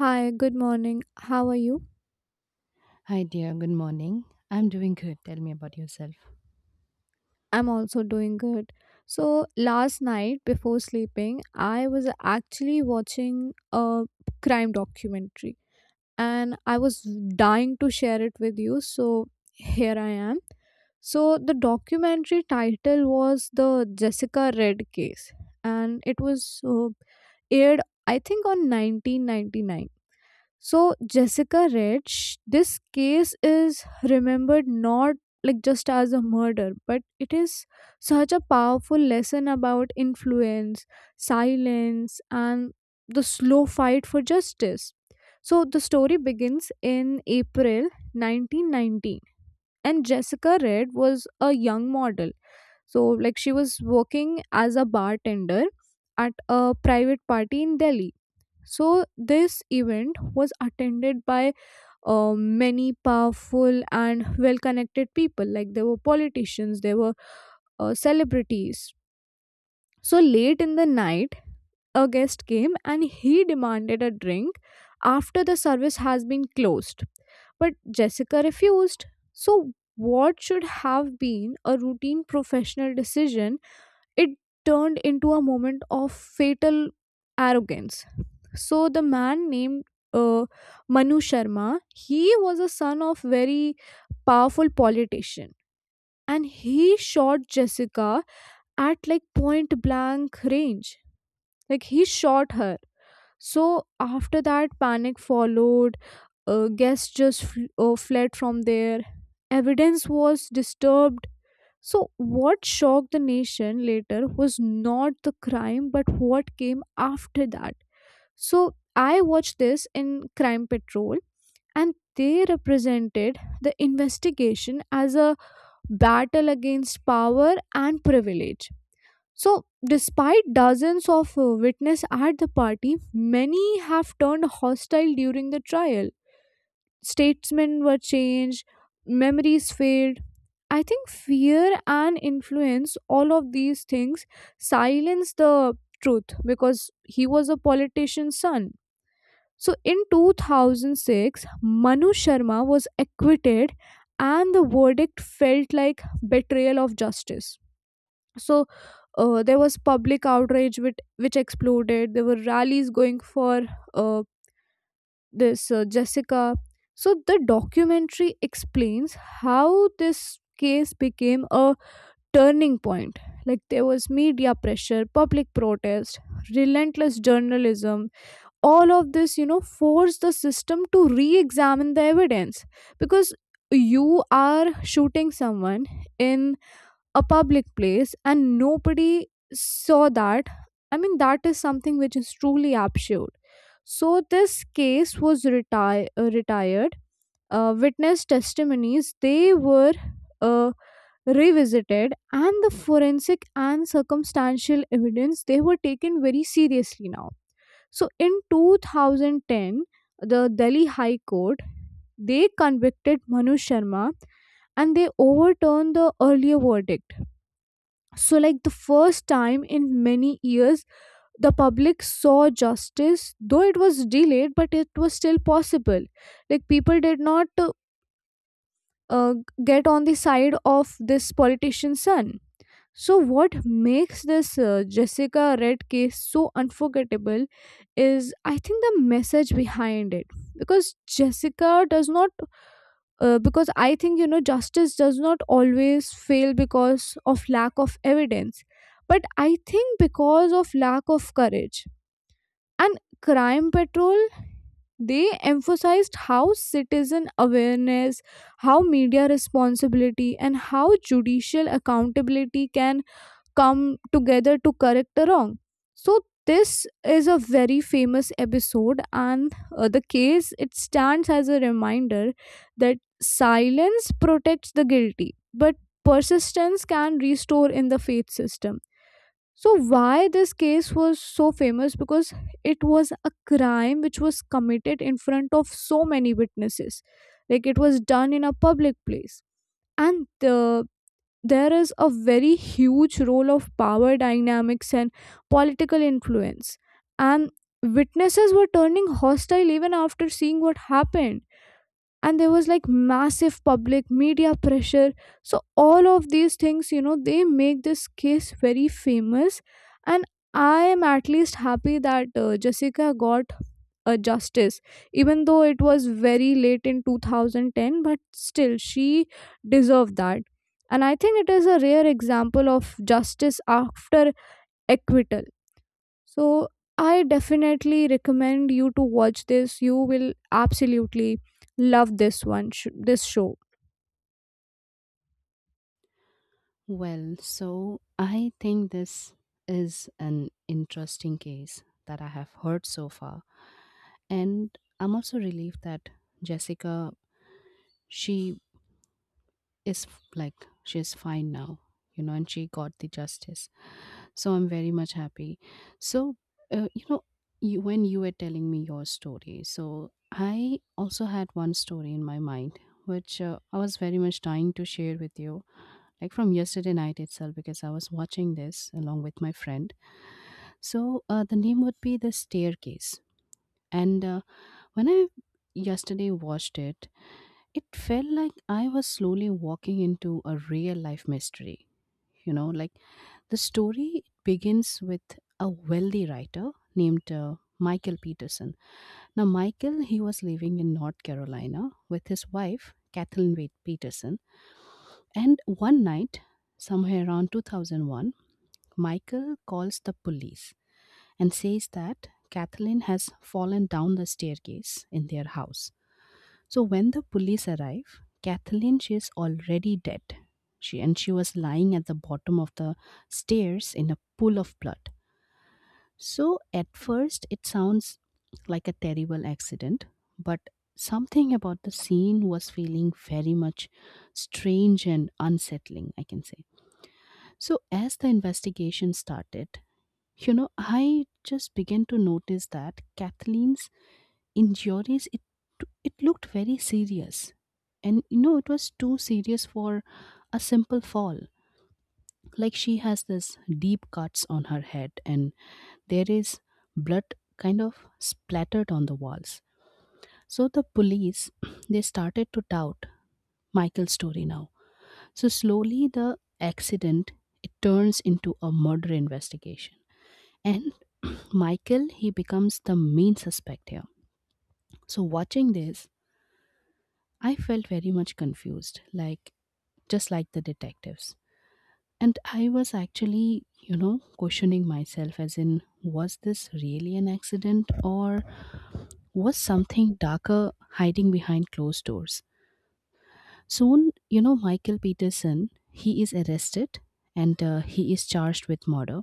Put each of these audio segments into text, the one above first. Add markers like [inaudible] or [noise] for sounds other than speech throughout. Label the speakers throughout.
Speaker 1: Hi, good morning. How are you?
Speaker 2: Hi, dear. Good morning. I'm doing good. Tell me about yourself.
Speaker 1: I'm also doing good. So last night before sleeping, I was actually watching a crime documentary and I was dying to share it with you. So here I am. So the documentary title was The Jessica Red Case and it was aired, I think, on 1999. So Jessica Rich, this case is remembered not like just as a murder, but it is such a powerful lesson about influence, silence, and the slow fight for justice. So the story begins in April 1919, and Jessica Red was a young model. So like she was working as a bartender at a private party in Delhi. So this event was attended by many powerful and well connected people. Like there were politicians, there were celebrities. So late in the night, a guest came and he demanded a drink after the service has been closed. But Jessica refused. So what should have been a routine professional decision, it turned into a moment of fatal arrogance. So the man named uh, Manu Sharma, he was a son of very powerful politician and he shot Jessica at like point blank range. Like he shot her. So after that panic followed, guests just fled from there. Evidence was disturbed. So what shocked the nation later was not the crime but what came after that. So I watched this in Crime Patrol, and they represented the investigation as a battle against power and privilege. So despite dozens of witness at the party, many have turned hostile during the trial. Statements were changed, memories failed. I think fear and influence, all of these things, silence the truth because he was a politician's son. So in 2006, Manu Sharma was acquitted, and the verdict felt like betrayal of justice. So there was public outrage which exploded. There were rallies going for uh, this Jessica. So the documentary explains how this case became a turning point. Like there was media pressure, public protest, relentless journalism, all of this you know force the system to re-examine the evidence because you are shooting someone in a public place and nobody saw that. I mean that is something which is truly absurd. So this case was retired, witness testimonies they were uh, revisited and the forensic and circumstantial evidence they were taken very seriously now. So in 2010, the Delhi High Court they convicted Manu Sharma and they overturned the earlier verdict. So like the first time in many years the public saw justice though it was delayed but it was still possible. Like people did not uh, get on the side of this politician's son. So what makes this Jessica Red case so unforgettable is, I think, the message behind it. Because Jessica does not, because I think, you know, justice does not always fail because of lack of evidence, but I think because of lack of courage. And Crime Patrol, they emphasized how citizen awareness, how media responsibility, and how judicial accountability can come together to correct a wrong. So this is a very famous episode, and the case it stands as a reminder that silence protects the guilty, but persistence can restore in the faith system. So why this case was so famous because it was a crime which was committed in front of so many witnesses, like it was done in a public place and there is a very huge role of power dynamics and political influence. And witnesses were turning hostile even after seeing what happened. And there was like massive public media pressure. So all of these things, you know, they make this case very famous. And I am at least happy that Jessica got a justice even though it was very late in 2010 but still she deserved that. And I think it is a rare example of justice after acquittal. So I definitely recommend you to watch this. You will absolutely love this this show.
Speaker 2: Well, so I think this is an interesting case that I have heard so far. And I'm also relieved that Jessica, she like she's fine now, and she got the justice. So I'm very much happy. So uh, you know when you were telling me your story, so I also had one story in my mind which, I was very much dying to share with you, like from yesterday night itself because I was watching this along with my friend. So the name would be The Staircase. And when I yesterday watched it, it felt like I was slowly walking into a real life mystery. You know, like the story begins with a wealthy writer named Michael Peterson. Now, Michael, he was living in North Carolina with his wife, Kathleen Wade Peterson. And one night, somewhere around 2001, Michael calls the police and says that Kathleen has fallen down the staircase in their house. So when the police arrive, Kathleen she is already dead. She was lying at the bottom of the stairs in a pool of blood. So at first it sounds like a terrible accident, but something about the scene was feeling very much strange and unsettling, I can say. So as the investigation started, you know, I just began to notice that Kathleen's injuries, it looked very serious, and you know it was too serious for a simple fall. Like she has this deep cuts on her head, and there is blood kind of splattered on the walls. So the police [clears throat] they started to doubt Michael's story now. So slowly the accident, it turns into a murder investigation. And [clears throat] Michael, he becomes the main suspect here. So watching this, I felt very much confused, like just like the detectives. And I was actually, you know, questioning myself as in, was this really an accident, or was something darker hiding behind closed doors? Soon, you know, Michael Peterson, he is arrested and he is charged with murder.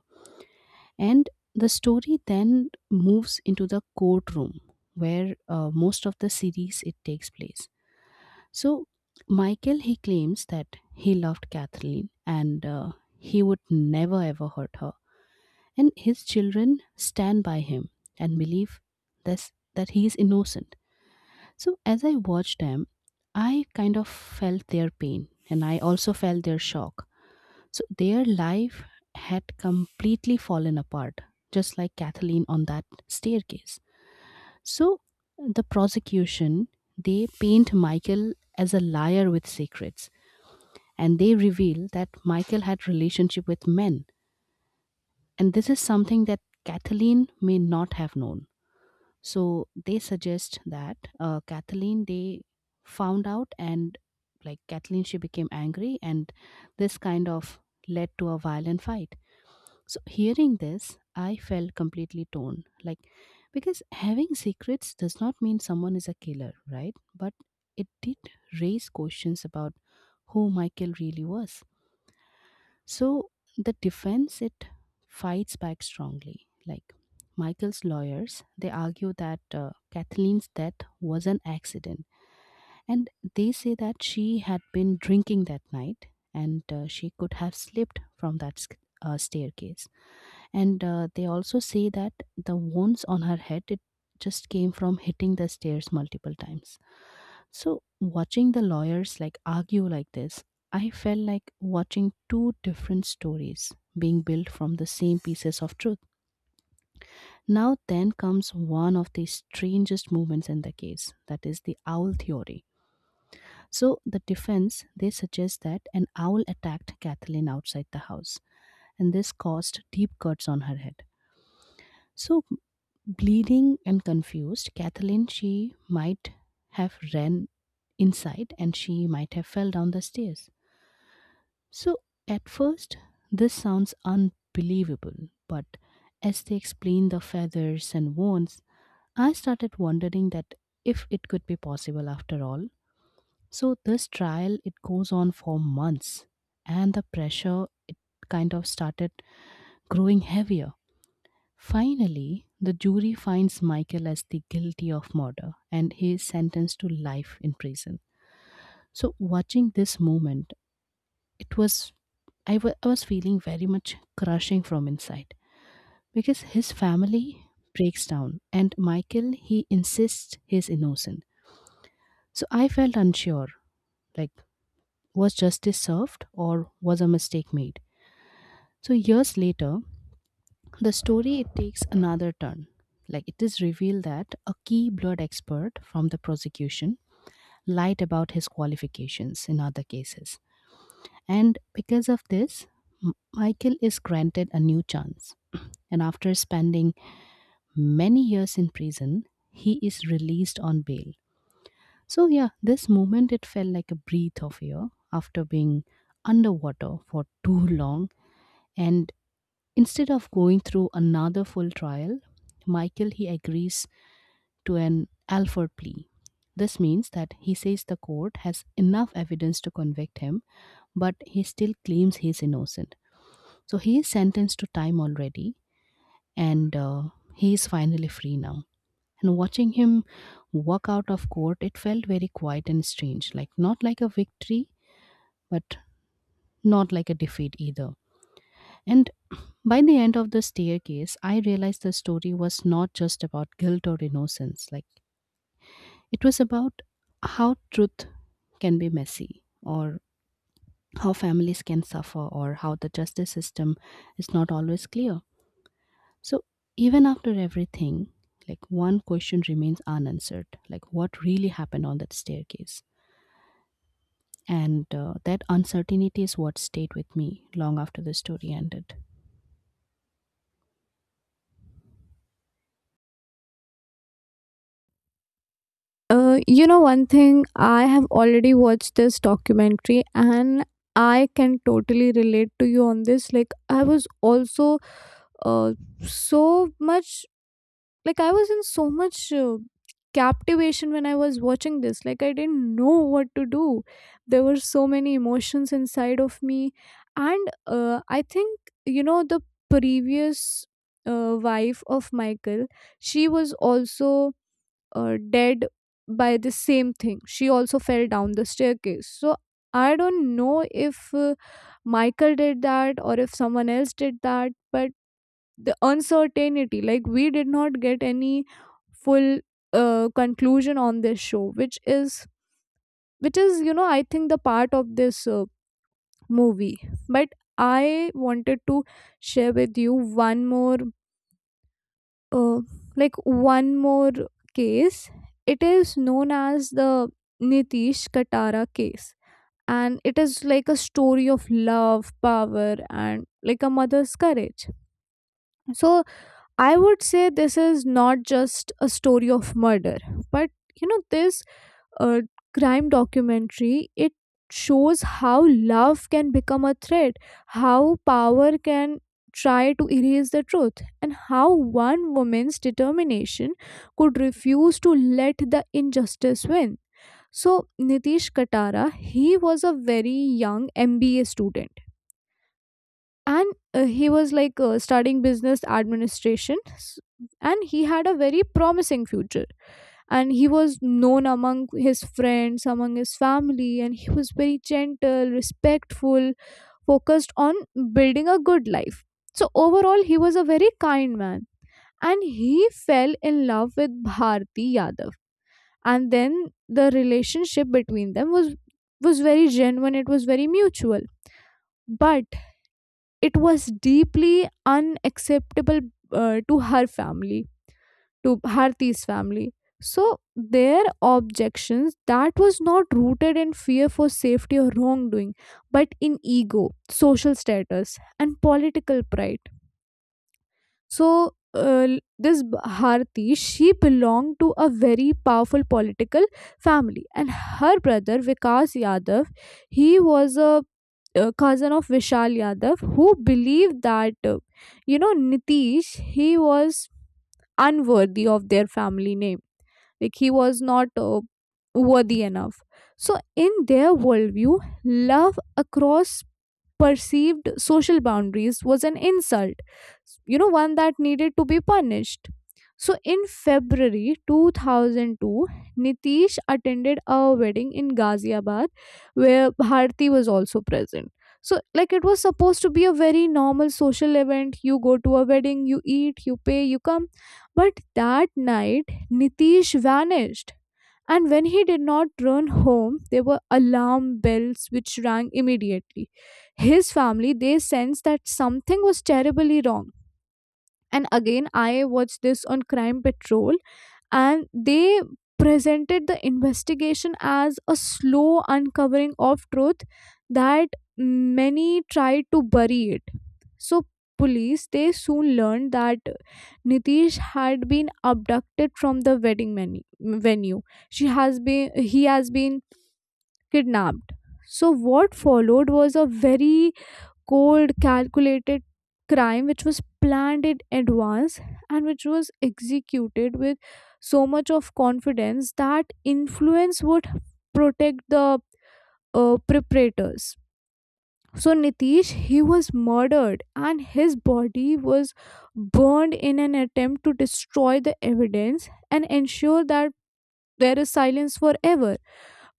Speaker 2: And the story then moves into the courtroom, where most of the series it takes place. So Michael, he claims that he loved Kathleen and he would never ever hurt her. And his children stand by him and believe this, that he is innocent. So as I watched them, I kind of felt their pain and I also felt their shock. So their life had completely fallen apart, just like Kathleen on that staircase. So the prosecution, they paint Michael as a liar with secrets, and they reveal that Michael had relationship with men, and this is something that Kathleen may not have known. So they suggest that Kathleen, they found out, and like Kathleen she became angry and this kind of led to a violent fight. So hearing this, I felt completely torn, like, because having secrets does not mean someone is a killer, right? But it did raise questions about who Michael really was. So the defense, it fights back strongly. Like Michael's lawyers, they argue that Kathleen's death was an accident, and they say that she had been drinking that night, and she could have slipped from that staircase. And they also say that the wounds on her head, it just came from hitting the stairs multiple times. So watching the lawyers like argue like this, I felt like watching two different stories being built from the same pieces of truth. Now, then comes one of the strangest moments in the case, that is, the owl theory. So the defense, they suggest that an owl attacked Kathleen outside the house, and this caused deep cuts on her head. So bleeding and confused, Kathleen she might have ran inside and she might have fell down the stairs. So at first, this sounds unbelievable, but as they explained the feathers and wounds, I started wondering that if it could be possible after all. So this trial, it goes on for months, and the pressure, it kind of started growing heavier. Finally, the jury finds Michael as the guilty of murder, and he is sentenced to life in prison. So watching this moment, it was, I was feeling very much crushing from inside because his family breaks down and Michael, he insists he's innocent. So I felt unsure, like, was justice served or was a mistake made? So years later, the story, it takes another turn. Like it is revealed that a key blood expert from the prosecution lied about his qualifications in other cases. And because of this, Michael is granted a new chance. [clears throat] And after spending many years in prison, he is released on bail. So, yeah, this moment it felt like a breath of air after being underwater for too long. And instead of going through another full trial, Michael, he agrees to an Alford plea. This means that he says the court has enough evidence to convict him, but he still claims he's innocent. So he is sentenced to time already, and he is finally free now. And watching him walk out of court, it felt very quiet and strange, like not like a victory, but not like a defeat either. And by the end of The Staircase, I realized the story was not just about guilt or innocence. Like it was about how truth can be messy, or how families can suffer, or how the justice system is not always clear. So even after everything, like one question remains unanswered, like, what really happened on that staircase? And that uncertainty is what stayed with me long after the story ended.
Speaker 1: You know, one thing, I have already watched this documentary and I can totally relate to you on this. Like I was also uh, so much like I was in so much captivation when I was watching this. Like I didn't know what to do. There were so many emotions inside of me. And I think, you know, the previous wife of Michael, she was also dead by the same thing. She also fell down the staircase. So I don't know if Michael did that or if someone else did that, but the uncertainty, like we did not get any full conclusion on this show, which is you know, I think the part of this movie. But I wanted to share with you one more uh, one more case. It is known as the Nitish Katara case and it is like a story of love, power, and like a mother's courage. So I would say this is not just a story of murder, but you know, this uh, crime documentary, it shows how love can become a threat, how power can try to erase the truth, and how one woman's determination could refuse to let the injustice win. So Nitish Katara, he was a very young MBA student and he was like studying business administration and he had a very promising future and he was known among his friends, among his family, and he was very gentle, respectful, focused on building a good life. So overall he was a very kind man and he fell in love with Bharti Yadav. And then the relationship between them was very genuine, it was very mutual, but it was deeply unacceptable to her family, to Bharti's family. So their objections that was not rooted in fear for safety or wrongdoing, but in ego, social status, and political pride. So this Bharti, she belonged to a very powerful political family, and her brother Vikas Yadav, he was a cousin of Vishal Yadav, who believed that you know, Nitish, he was unworthy of their family name. Like he was not worthy enough. So in their worldview, love across perceived social boundaries was an insult, you know, one that needed to be punished. So in February 2002, Nitish attended a wedding in Ghaziabad where Bharti was also present. So like it was supposed to be a very normal social event. You go to a wedding, you eat, you pay, you come. But that night, Nitish vanished. And when he did not run home, there were alarm bells which rang immediately. His family, they sensed that something was terribly wrong. And again, I watched this on Crime Patrol, and they presented the investigation as a slow uncovering of truth that many tried to bury it. So police, they soon learned that Nitish had been abducted from the wedding menu, venue. She has been He has been kidnapped. So what followed was a very cold, calculated crime which was planned in advance and which was executed with so much of confidence that influence would protect the preparators. So Nitish, he was murdered and his body was burned in an attempt to destroy the evidence and ensure that there is silence forever.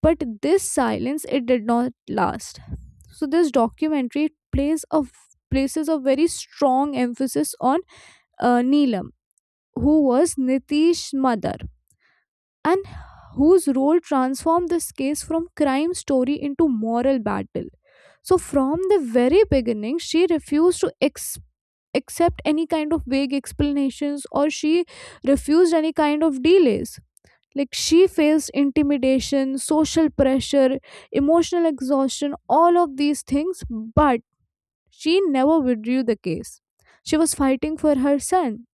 Speaker 1: But this silence, it did not last. So this documentary plays a places a very strong emphasis on Neelam, who was Nitish's mother, and whose role transformed this case from crime story into moral battle. So from the very beginning, she refused to accept any kind of vague explanations or she refused any kind of delays. Like she faced intimidation, social pressure, emotional exhaustion, all of these things, but she never withdrew the case. She was fighting for her son.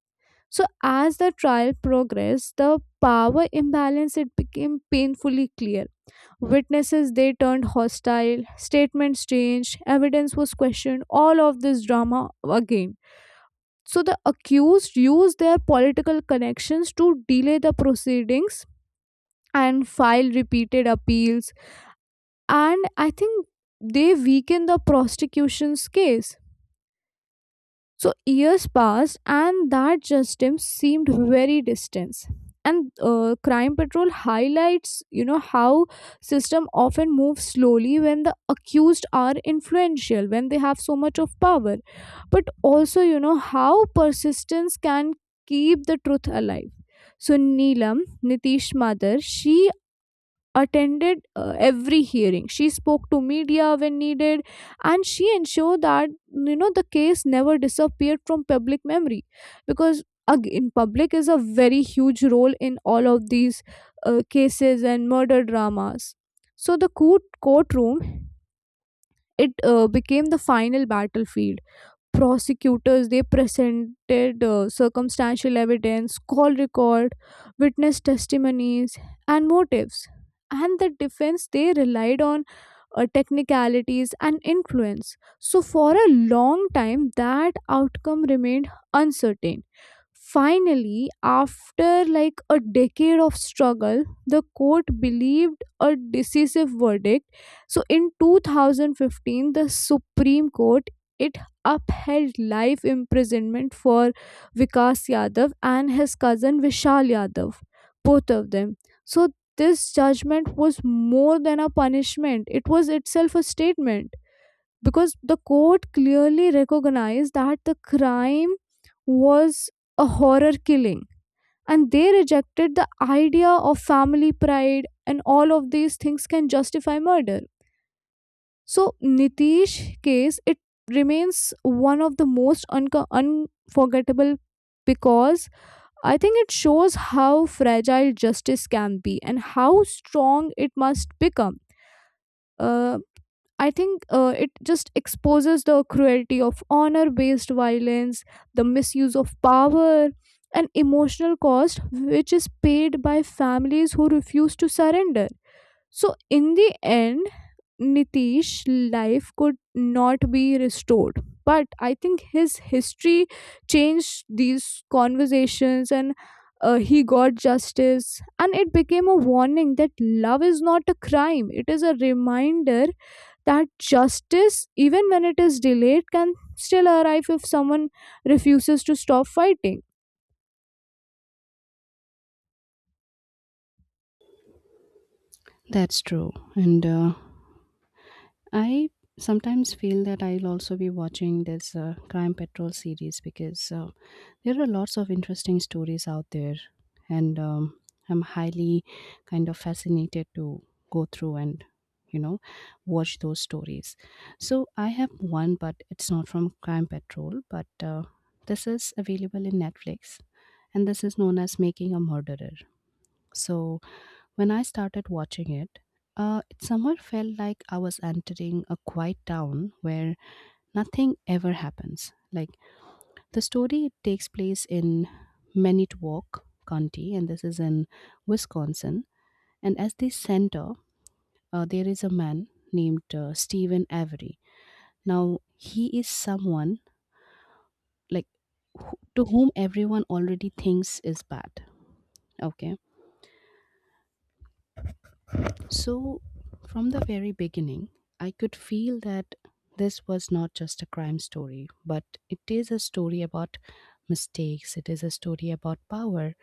Speaker 1: So as the trial progressed, the power imbalance it became painfully clear. Witnesses they turned hostile, statements changed, evidence was questioned, all of this drama again. So the accused used their political connections to delay the proceedings and file repeated appeals and I think they weakened the prosecution's case. So years passed, and that justice seemed very distant. And Crime Patrol highlights, you know, how system often moves slowly when the accused are influential, when they have so much of power. But also, you know, how persistence can keep the truth alive. So Neelam, Nitish's mother, she attended every hearing, she spoke to media when needed and she ensured that you know the case never disappeared from public memory because again public is a very huge role in all of these cases and murder dramas. So the courtroom, it became the final battlefield. Prosecutors they presented circumstantial evidence, call record, witness testimonies, and motives, and the defense they relied on technicalities, and influence. So for a long time, that outcome remained uncertain. Finally, after like a decade of struggle, the court believed a decisive verdict. So in 2015, the Supreme Court it upheld life imprisonment for Vikas Yadav and his cousin Vishal Yadav, both of them. So this judgment was more than a punishment, it was itself a statement because the court clearly recognized that the crime was a horror killing and they rejected the idea of family pride and all of these things can justify murder. So Nitish case it remains one of the most unforgettable because I think it shows how fragile justice can be and how strong it must become. Uh, I think it just exposes the cruelty of honor based violence, the misuse of power, and emotional cost which is paid by families who refuse to surrender. So in the end, Nitish life could not be restored. But I think his history changed these conversations and he got justice. And it became a warning that love is not a crime, it is a reminder that justice, even when it is delayed, can still arrive if someone refuses to stop fighting.
Speaker 2: That's true. And I sometimes feel that I'll also be watching this Crime Patrol series, because there are lots of interesting stories out there, and I'm highly kind of fascinated to go through and, you know, watch those stories. So I have one, but it's not from Crime Patrol, but this is available in Netflix, and this is known as Making a Murderer. So when I started watching it, it somehow felt like I was entering a quiet town where nothing ever happens. Like the story takes place in Manitowoc County, and this is in Wisconsin. And as the center, there is a man named Stephen Avery. Now, he is someone, like, who- to whom everyone already thinks is bad. Okay. So from the very beginning, I could feel that this was not just a crime story, but it is a story about mistakes, it is a story about power,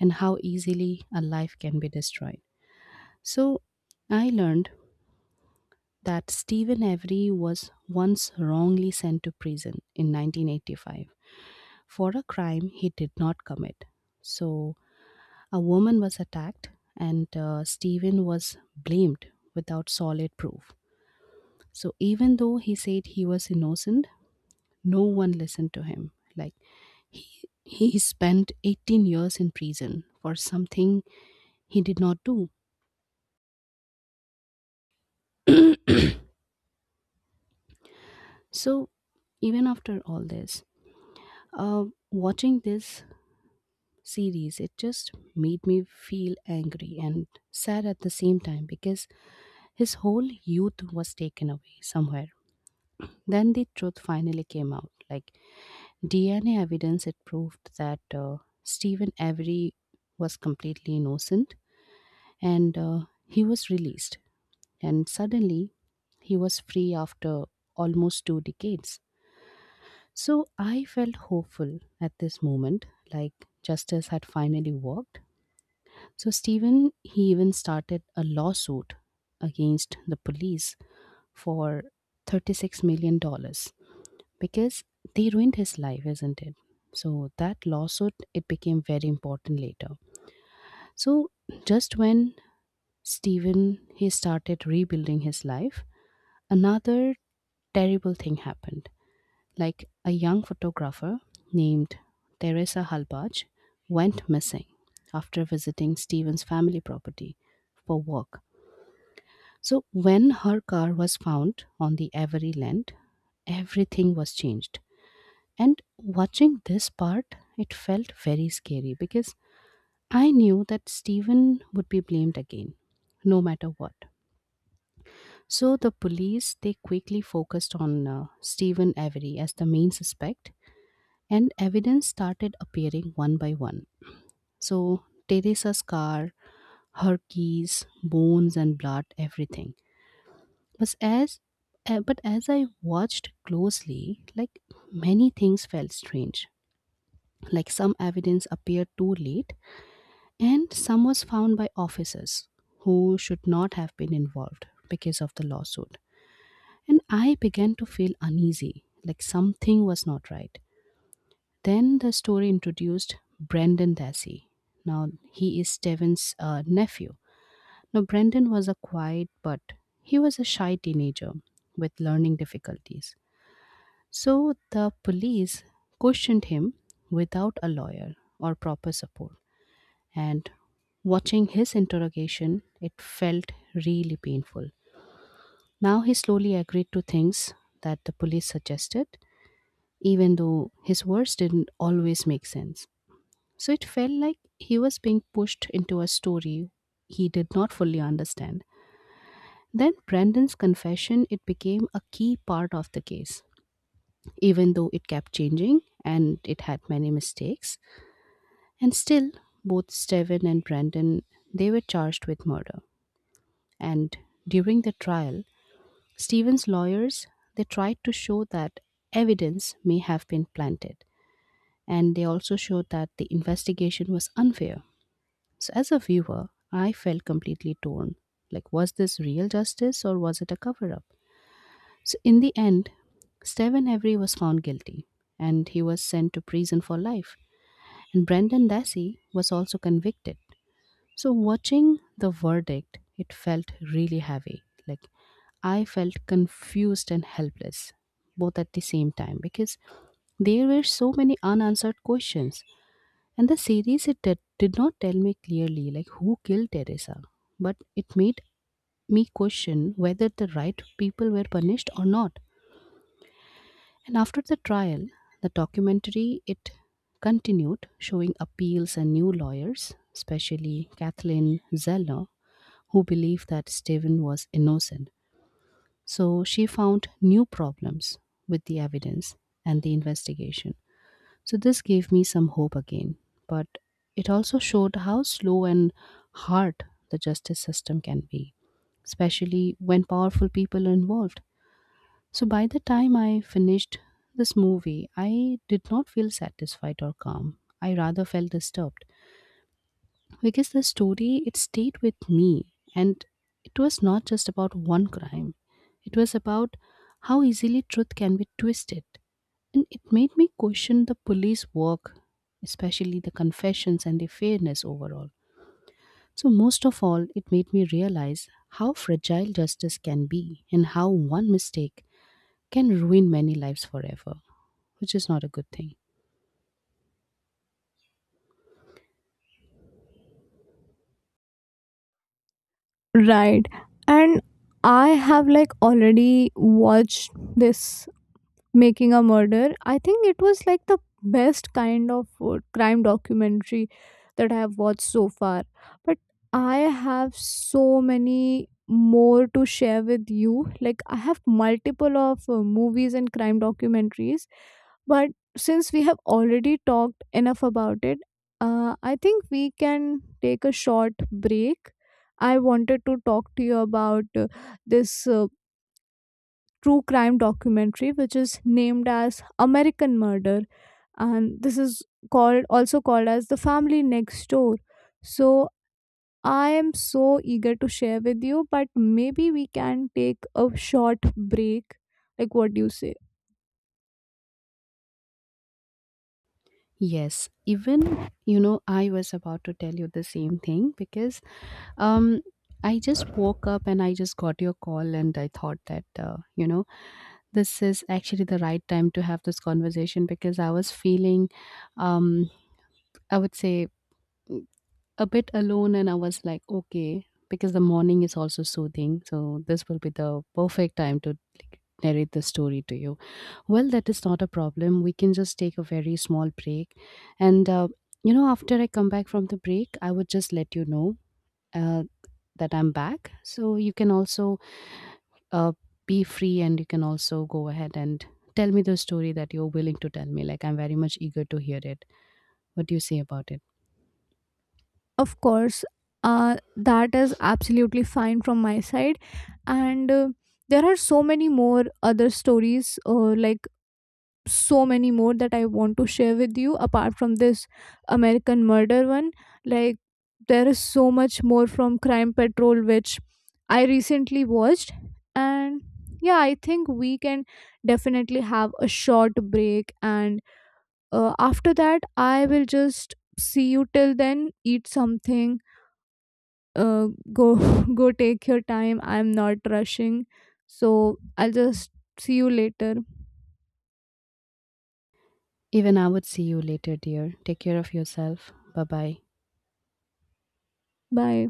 Speaker 2: and how easily a life can be destroyed. So I learned that Stephen Avery was once wrongly sent to prison in 1985 for a crime he did not commit. So a woman was attacked, and Stephen was blamed without solid proof. So even though he said he was innocent, no one listened to him. Like he spent 18 years in prison for something he did not do. So even after all this, watching this series, it just made me feel angry and sad at the same time because his whole youth was taken away somewhere. Then the truth finally came out. Like DNA evidence, it proved that Stephen Avery was completely innocent, and he was released. And suddenly, he was free after almost 2 decades. So I felt hopeful at this moment, like justice had finally worked. So Stephen, he even started a lawsuit against the police for $36 million dollars because they ruined his life, isn't it? So that lawsuit, it became very important later. So just when Stephen, he started rebuilding his life, another terrible thing happened. Like a young photographer named Teresa Halbach went missing after visiting Stephen's family property for work. So when her car was found on the Avery land, everything was changed. And watching this part, it felt very scary because I knew that Stephen would be blamed again, no matter what. So the police, they quickly focused on Stephen Avery as the main suspect, and evidence started appearing one by one. So Teresa's car, her keys, bones, and blood, everything. But as but as I watched closely, like many things felt strange. Like some evidence appeared too late, and some was found by officers who should not have been involved because of the lawsuit. And I began to feel uneasy, like something was not right. Then the story introduced Brendan Dassey. Now he is Steven's nephew. Now Brendan was a quiet, but he was a shy teenager with learning difficulties. So the police questioned him without a lawyer or proper support. And watching his interrogation, it felt really painful. Now he slowly agreed to things that the police suggested, even though his words didn't always make sense. So it felt like he was being pushed into a story he did not fully understand. Then Brandon's confession, it became a key part of the case. Even though it kept changing and it had many mistakes, and still both Steven and Brandon, they were charged with murder. And during the trial, Steven's lawyers, they tried to show that evidence may have been planted, and they also showed that the investigation was unfair. So as a viewer, I felt completely torn. Like, was this real justice or was it a cover up? So in the end, Stephen Avery was found guilty and he was sent to prison for life. And Brendan Dassey was also convicted. So watching the verdict, it felt really heavy. Like, I felt confused and helpless both at the same time because there were so many unanswered questions, and the series, it did not tell me clearly, like, who killed Teresa, but it made me question whether the right people were punished or not. And after the trial, the documentary, it continued showing appeals and new lawyers, especially Kathleen Zeller, who believed that Stephen was innocent. So she found new problems with the evidence and the investigation. So this gave me some hope again, but it also showed how slow and hard the justice system can be, especially when powerful people are involved. So by the time I finished this movie, I did not feel satisfied or calm. I rather felt disturbed because the story, it stayed with me. And it was not just about one crime, it was about how easily truth can be twisted. And it made me question the police work, especially the confessions and the fairness overall. So most of all, it made me realize how fragile justice can be, and how one mistake can ruin many lives forever, which is not a good thing.
Speaker 1: Right. And I have like already watched this Making a Murder. I think it was like the best kind of crime documentary that I have watched so far. But I have so many more to share with you. Like I have multiple of movies and crime documentaries, but since we have already talked enough about it, I think we can take a short break. I wanted to talk to you about this true crime documentary which is named as American Murder and this is called also called as The Family Next Door. So I am so eager to share with you but maybe we can take a short break. Like what do you say?
Speaker 2: Yes, even, you know, I was about to tell you the same thing, because Um, I just woke up and I just got your call, and I thought that, this is actually the right time to have this conversation because I was feeling, um, I would say, mm, a bit alone, and I was like, okay, because the morning is also soothing. So this will be the perfect time to, like, narrate the story to you. Well, that is not a problem. We can just take a very small break. And after I come back from the break, I would just let you know. Uh, that I'm back. So you can also uh, be free, and you can also go ahead and tell me the story that you're willing to tell me. Like, I'm very much eager to hear it. What do you say about it?
Speaker 1: Of course, that is absolutely fine from my side. And there are so many more other stories, so many more that I want to share with you apart from this American Murder one. Like there is so much more from Crime Patrol, which I recently watched. And yeah, I think we can definitely have a short break. And after that, I will just see you. Till then, eat something, uh, go, [laughs] go, take your time. I'm not rushing. So I'll just see you later.
Speaker 2: Even I would see you later, dear. Take care of yourself. Bye bye.
Speaker 1: Bye.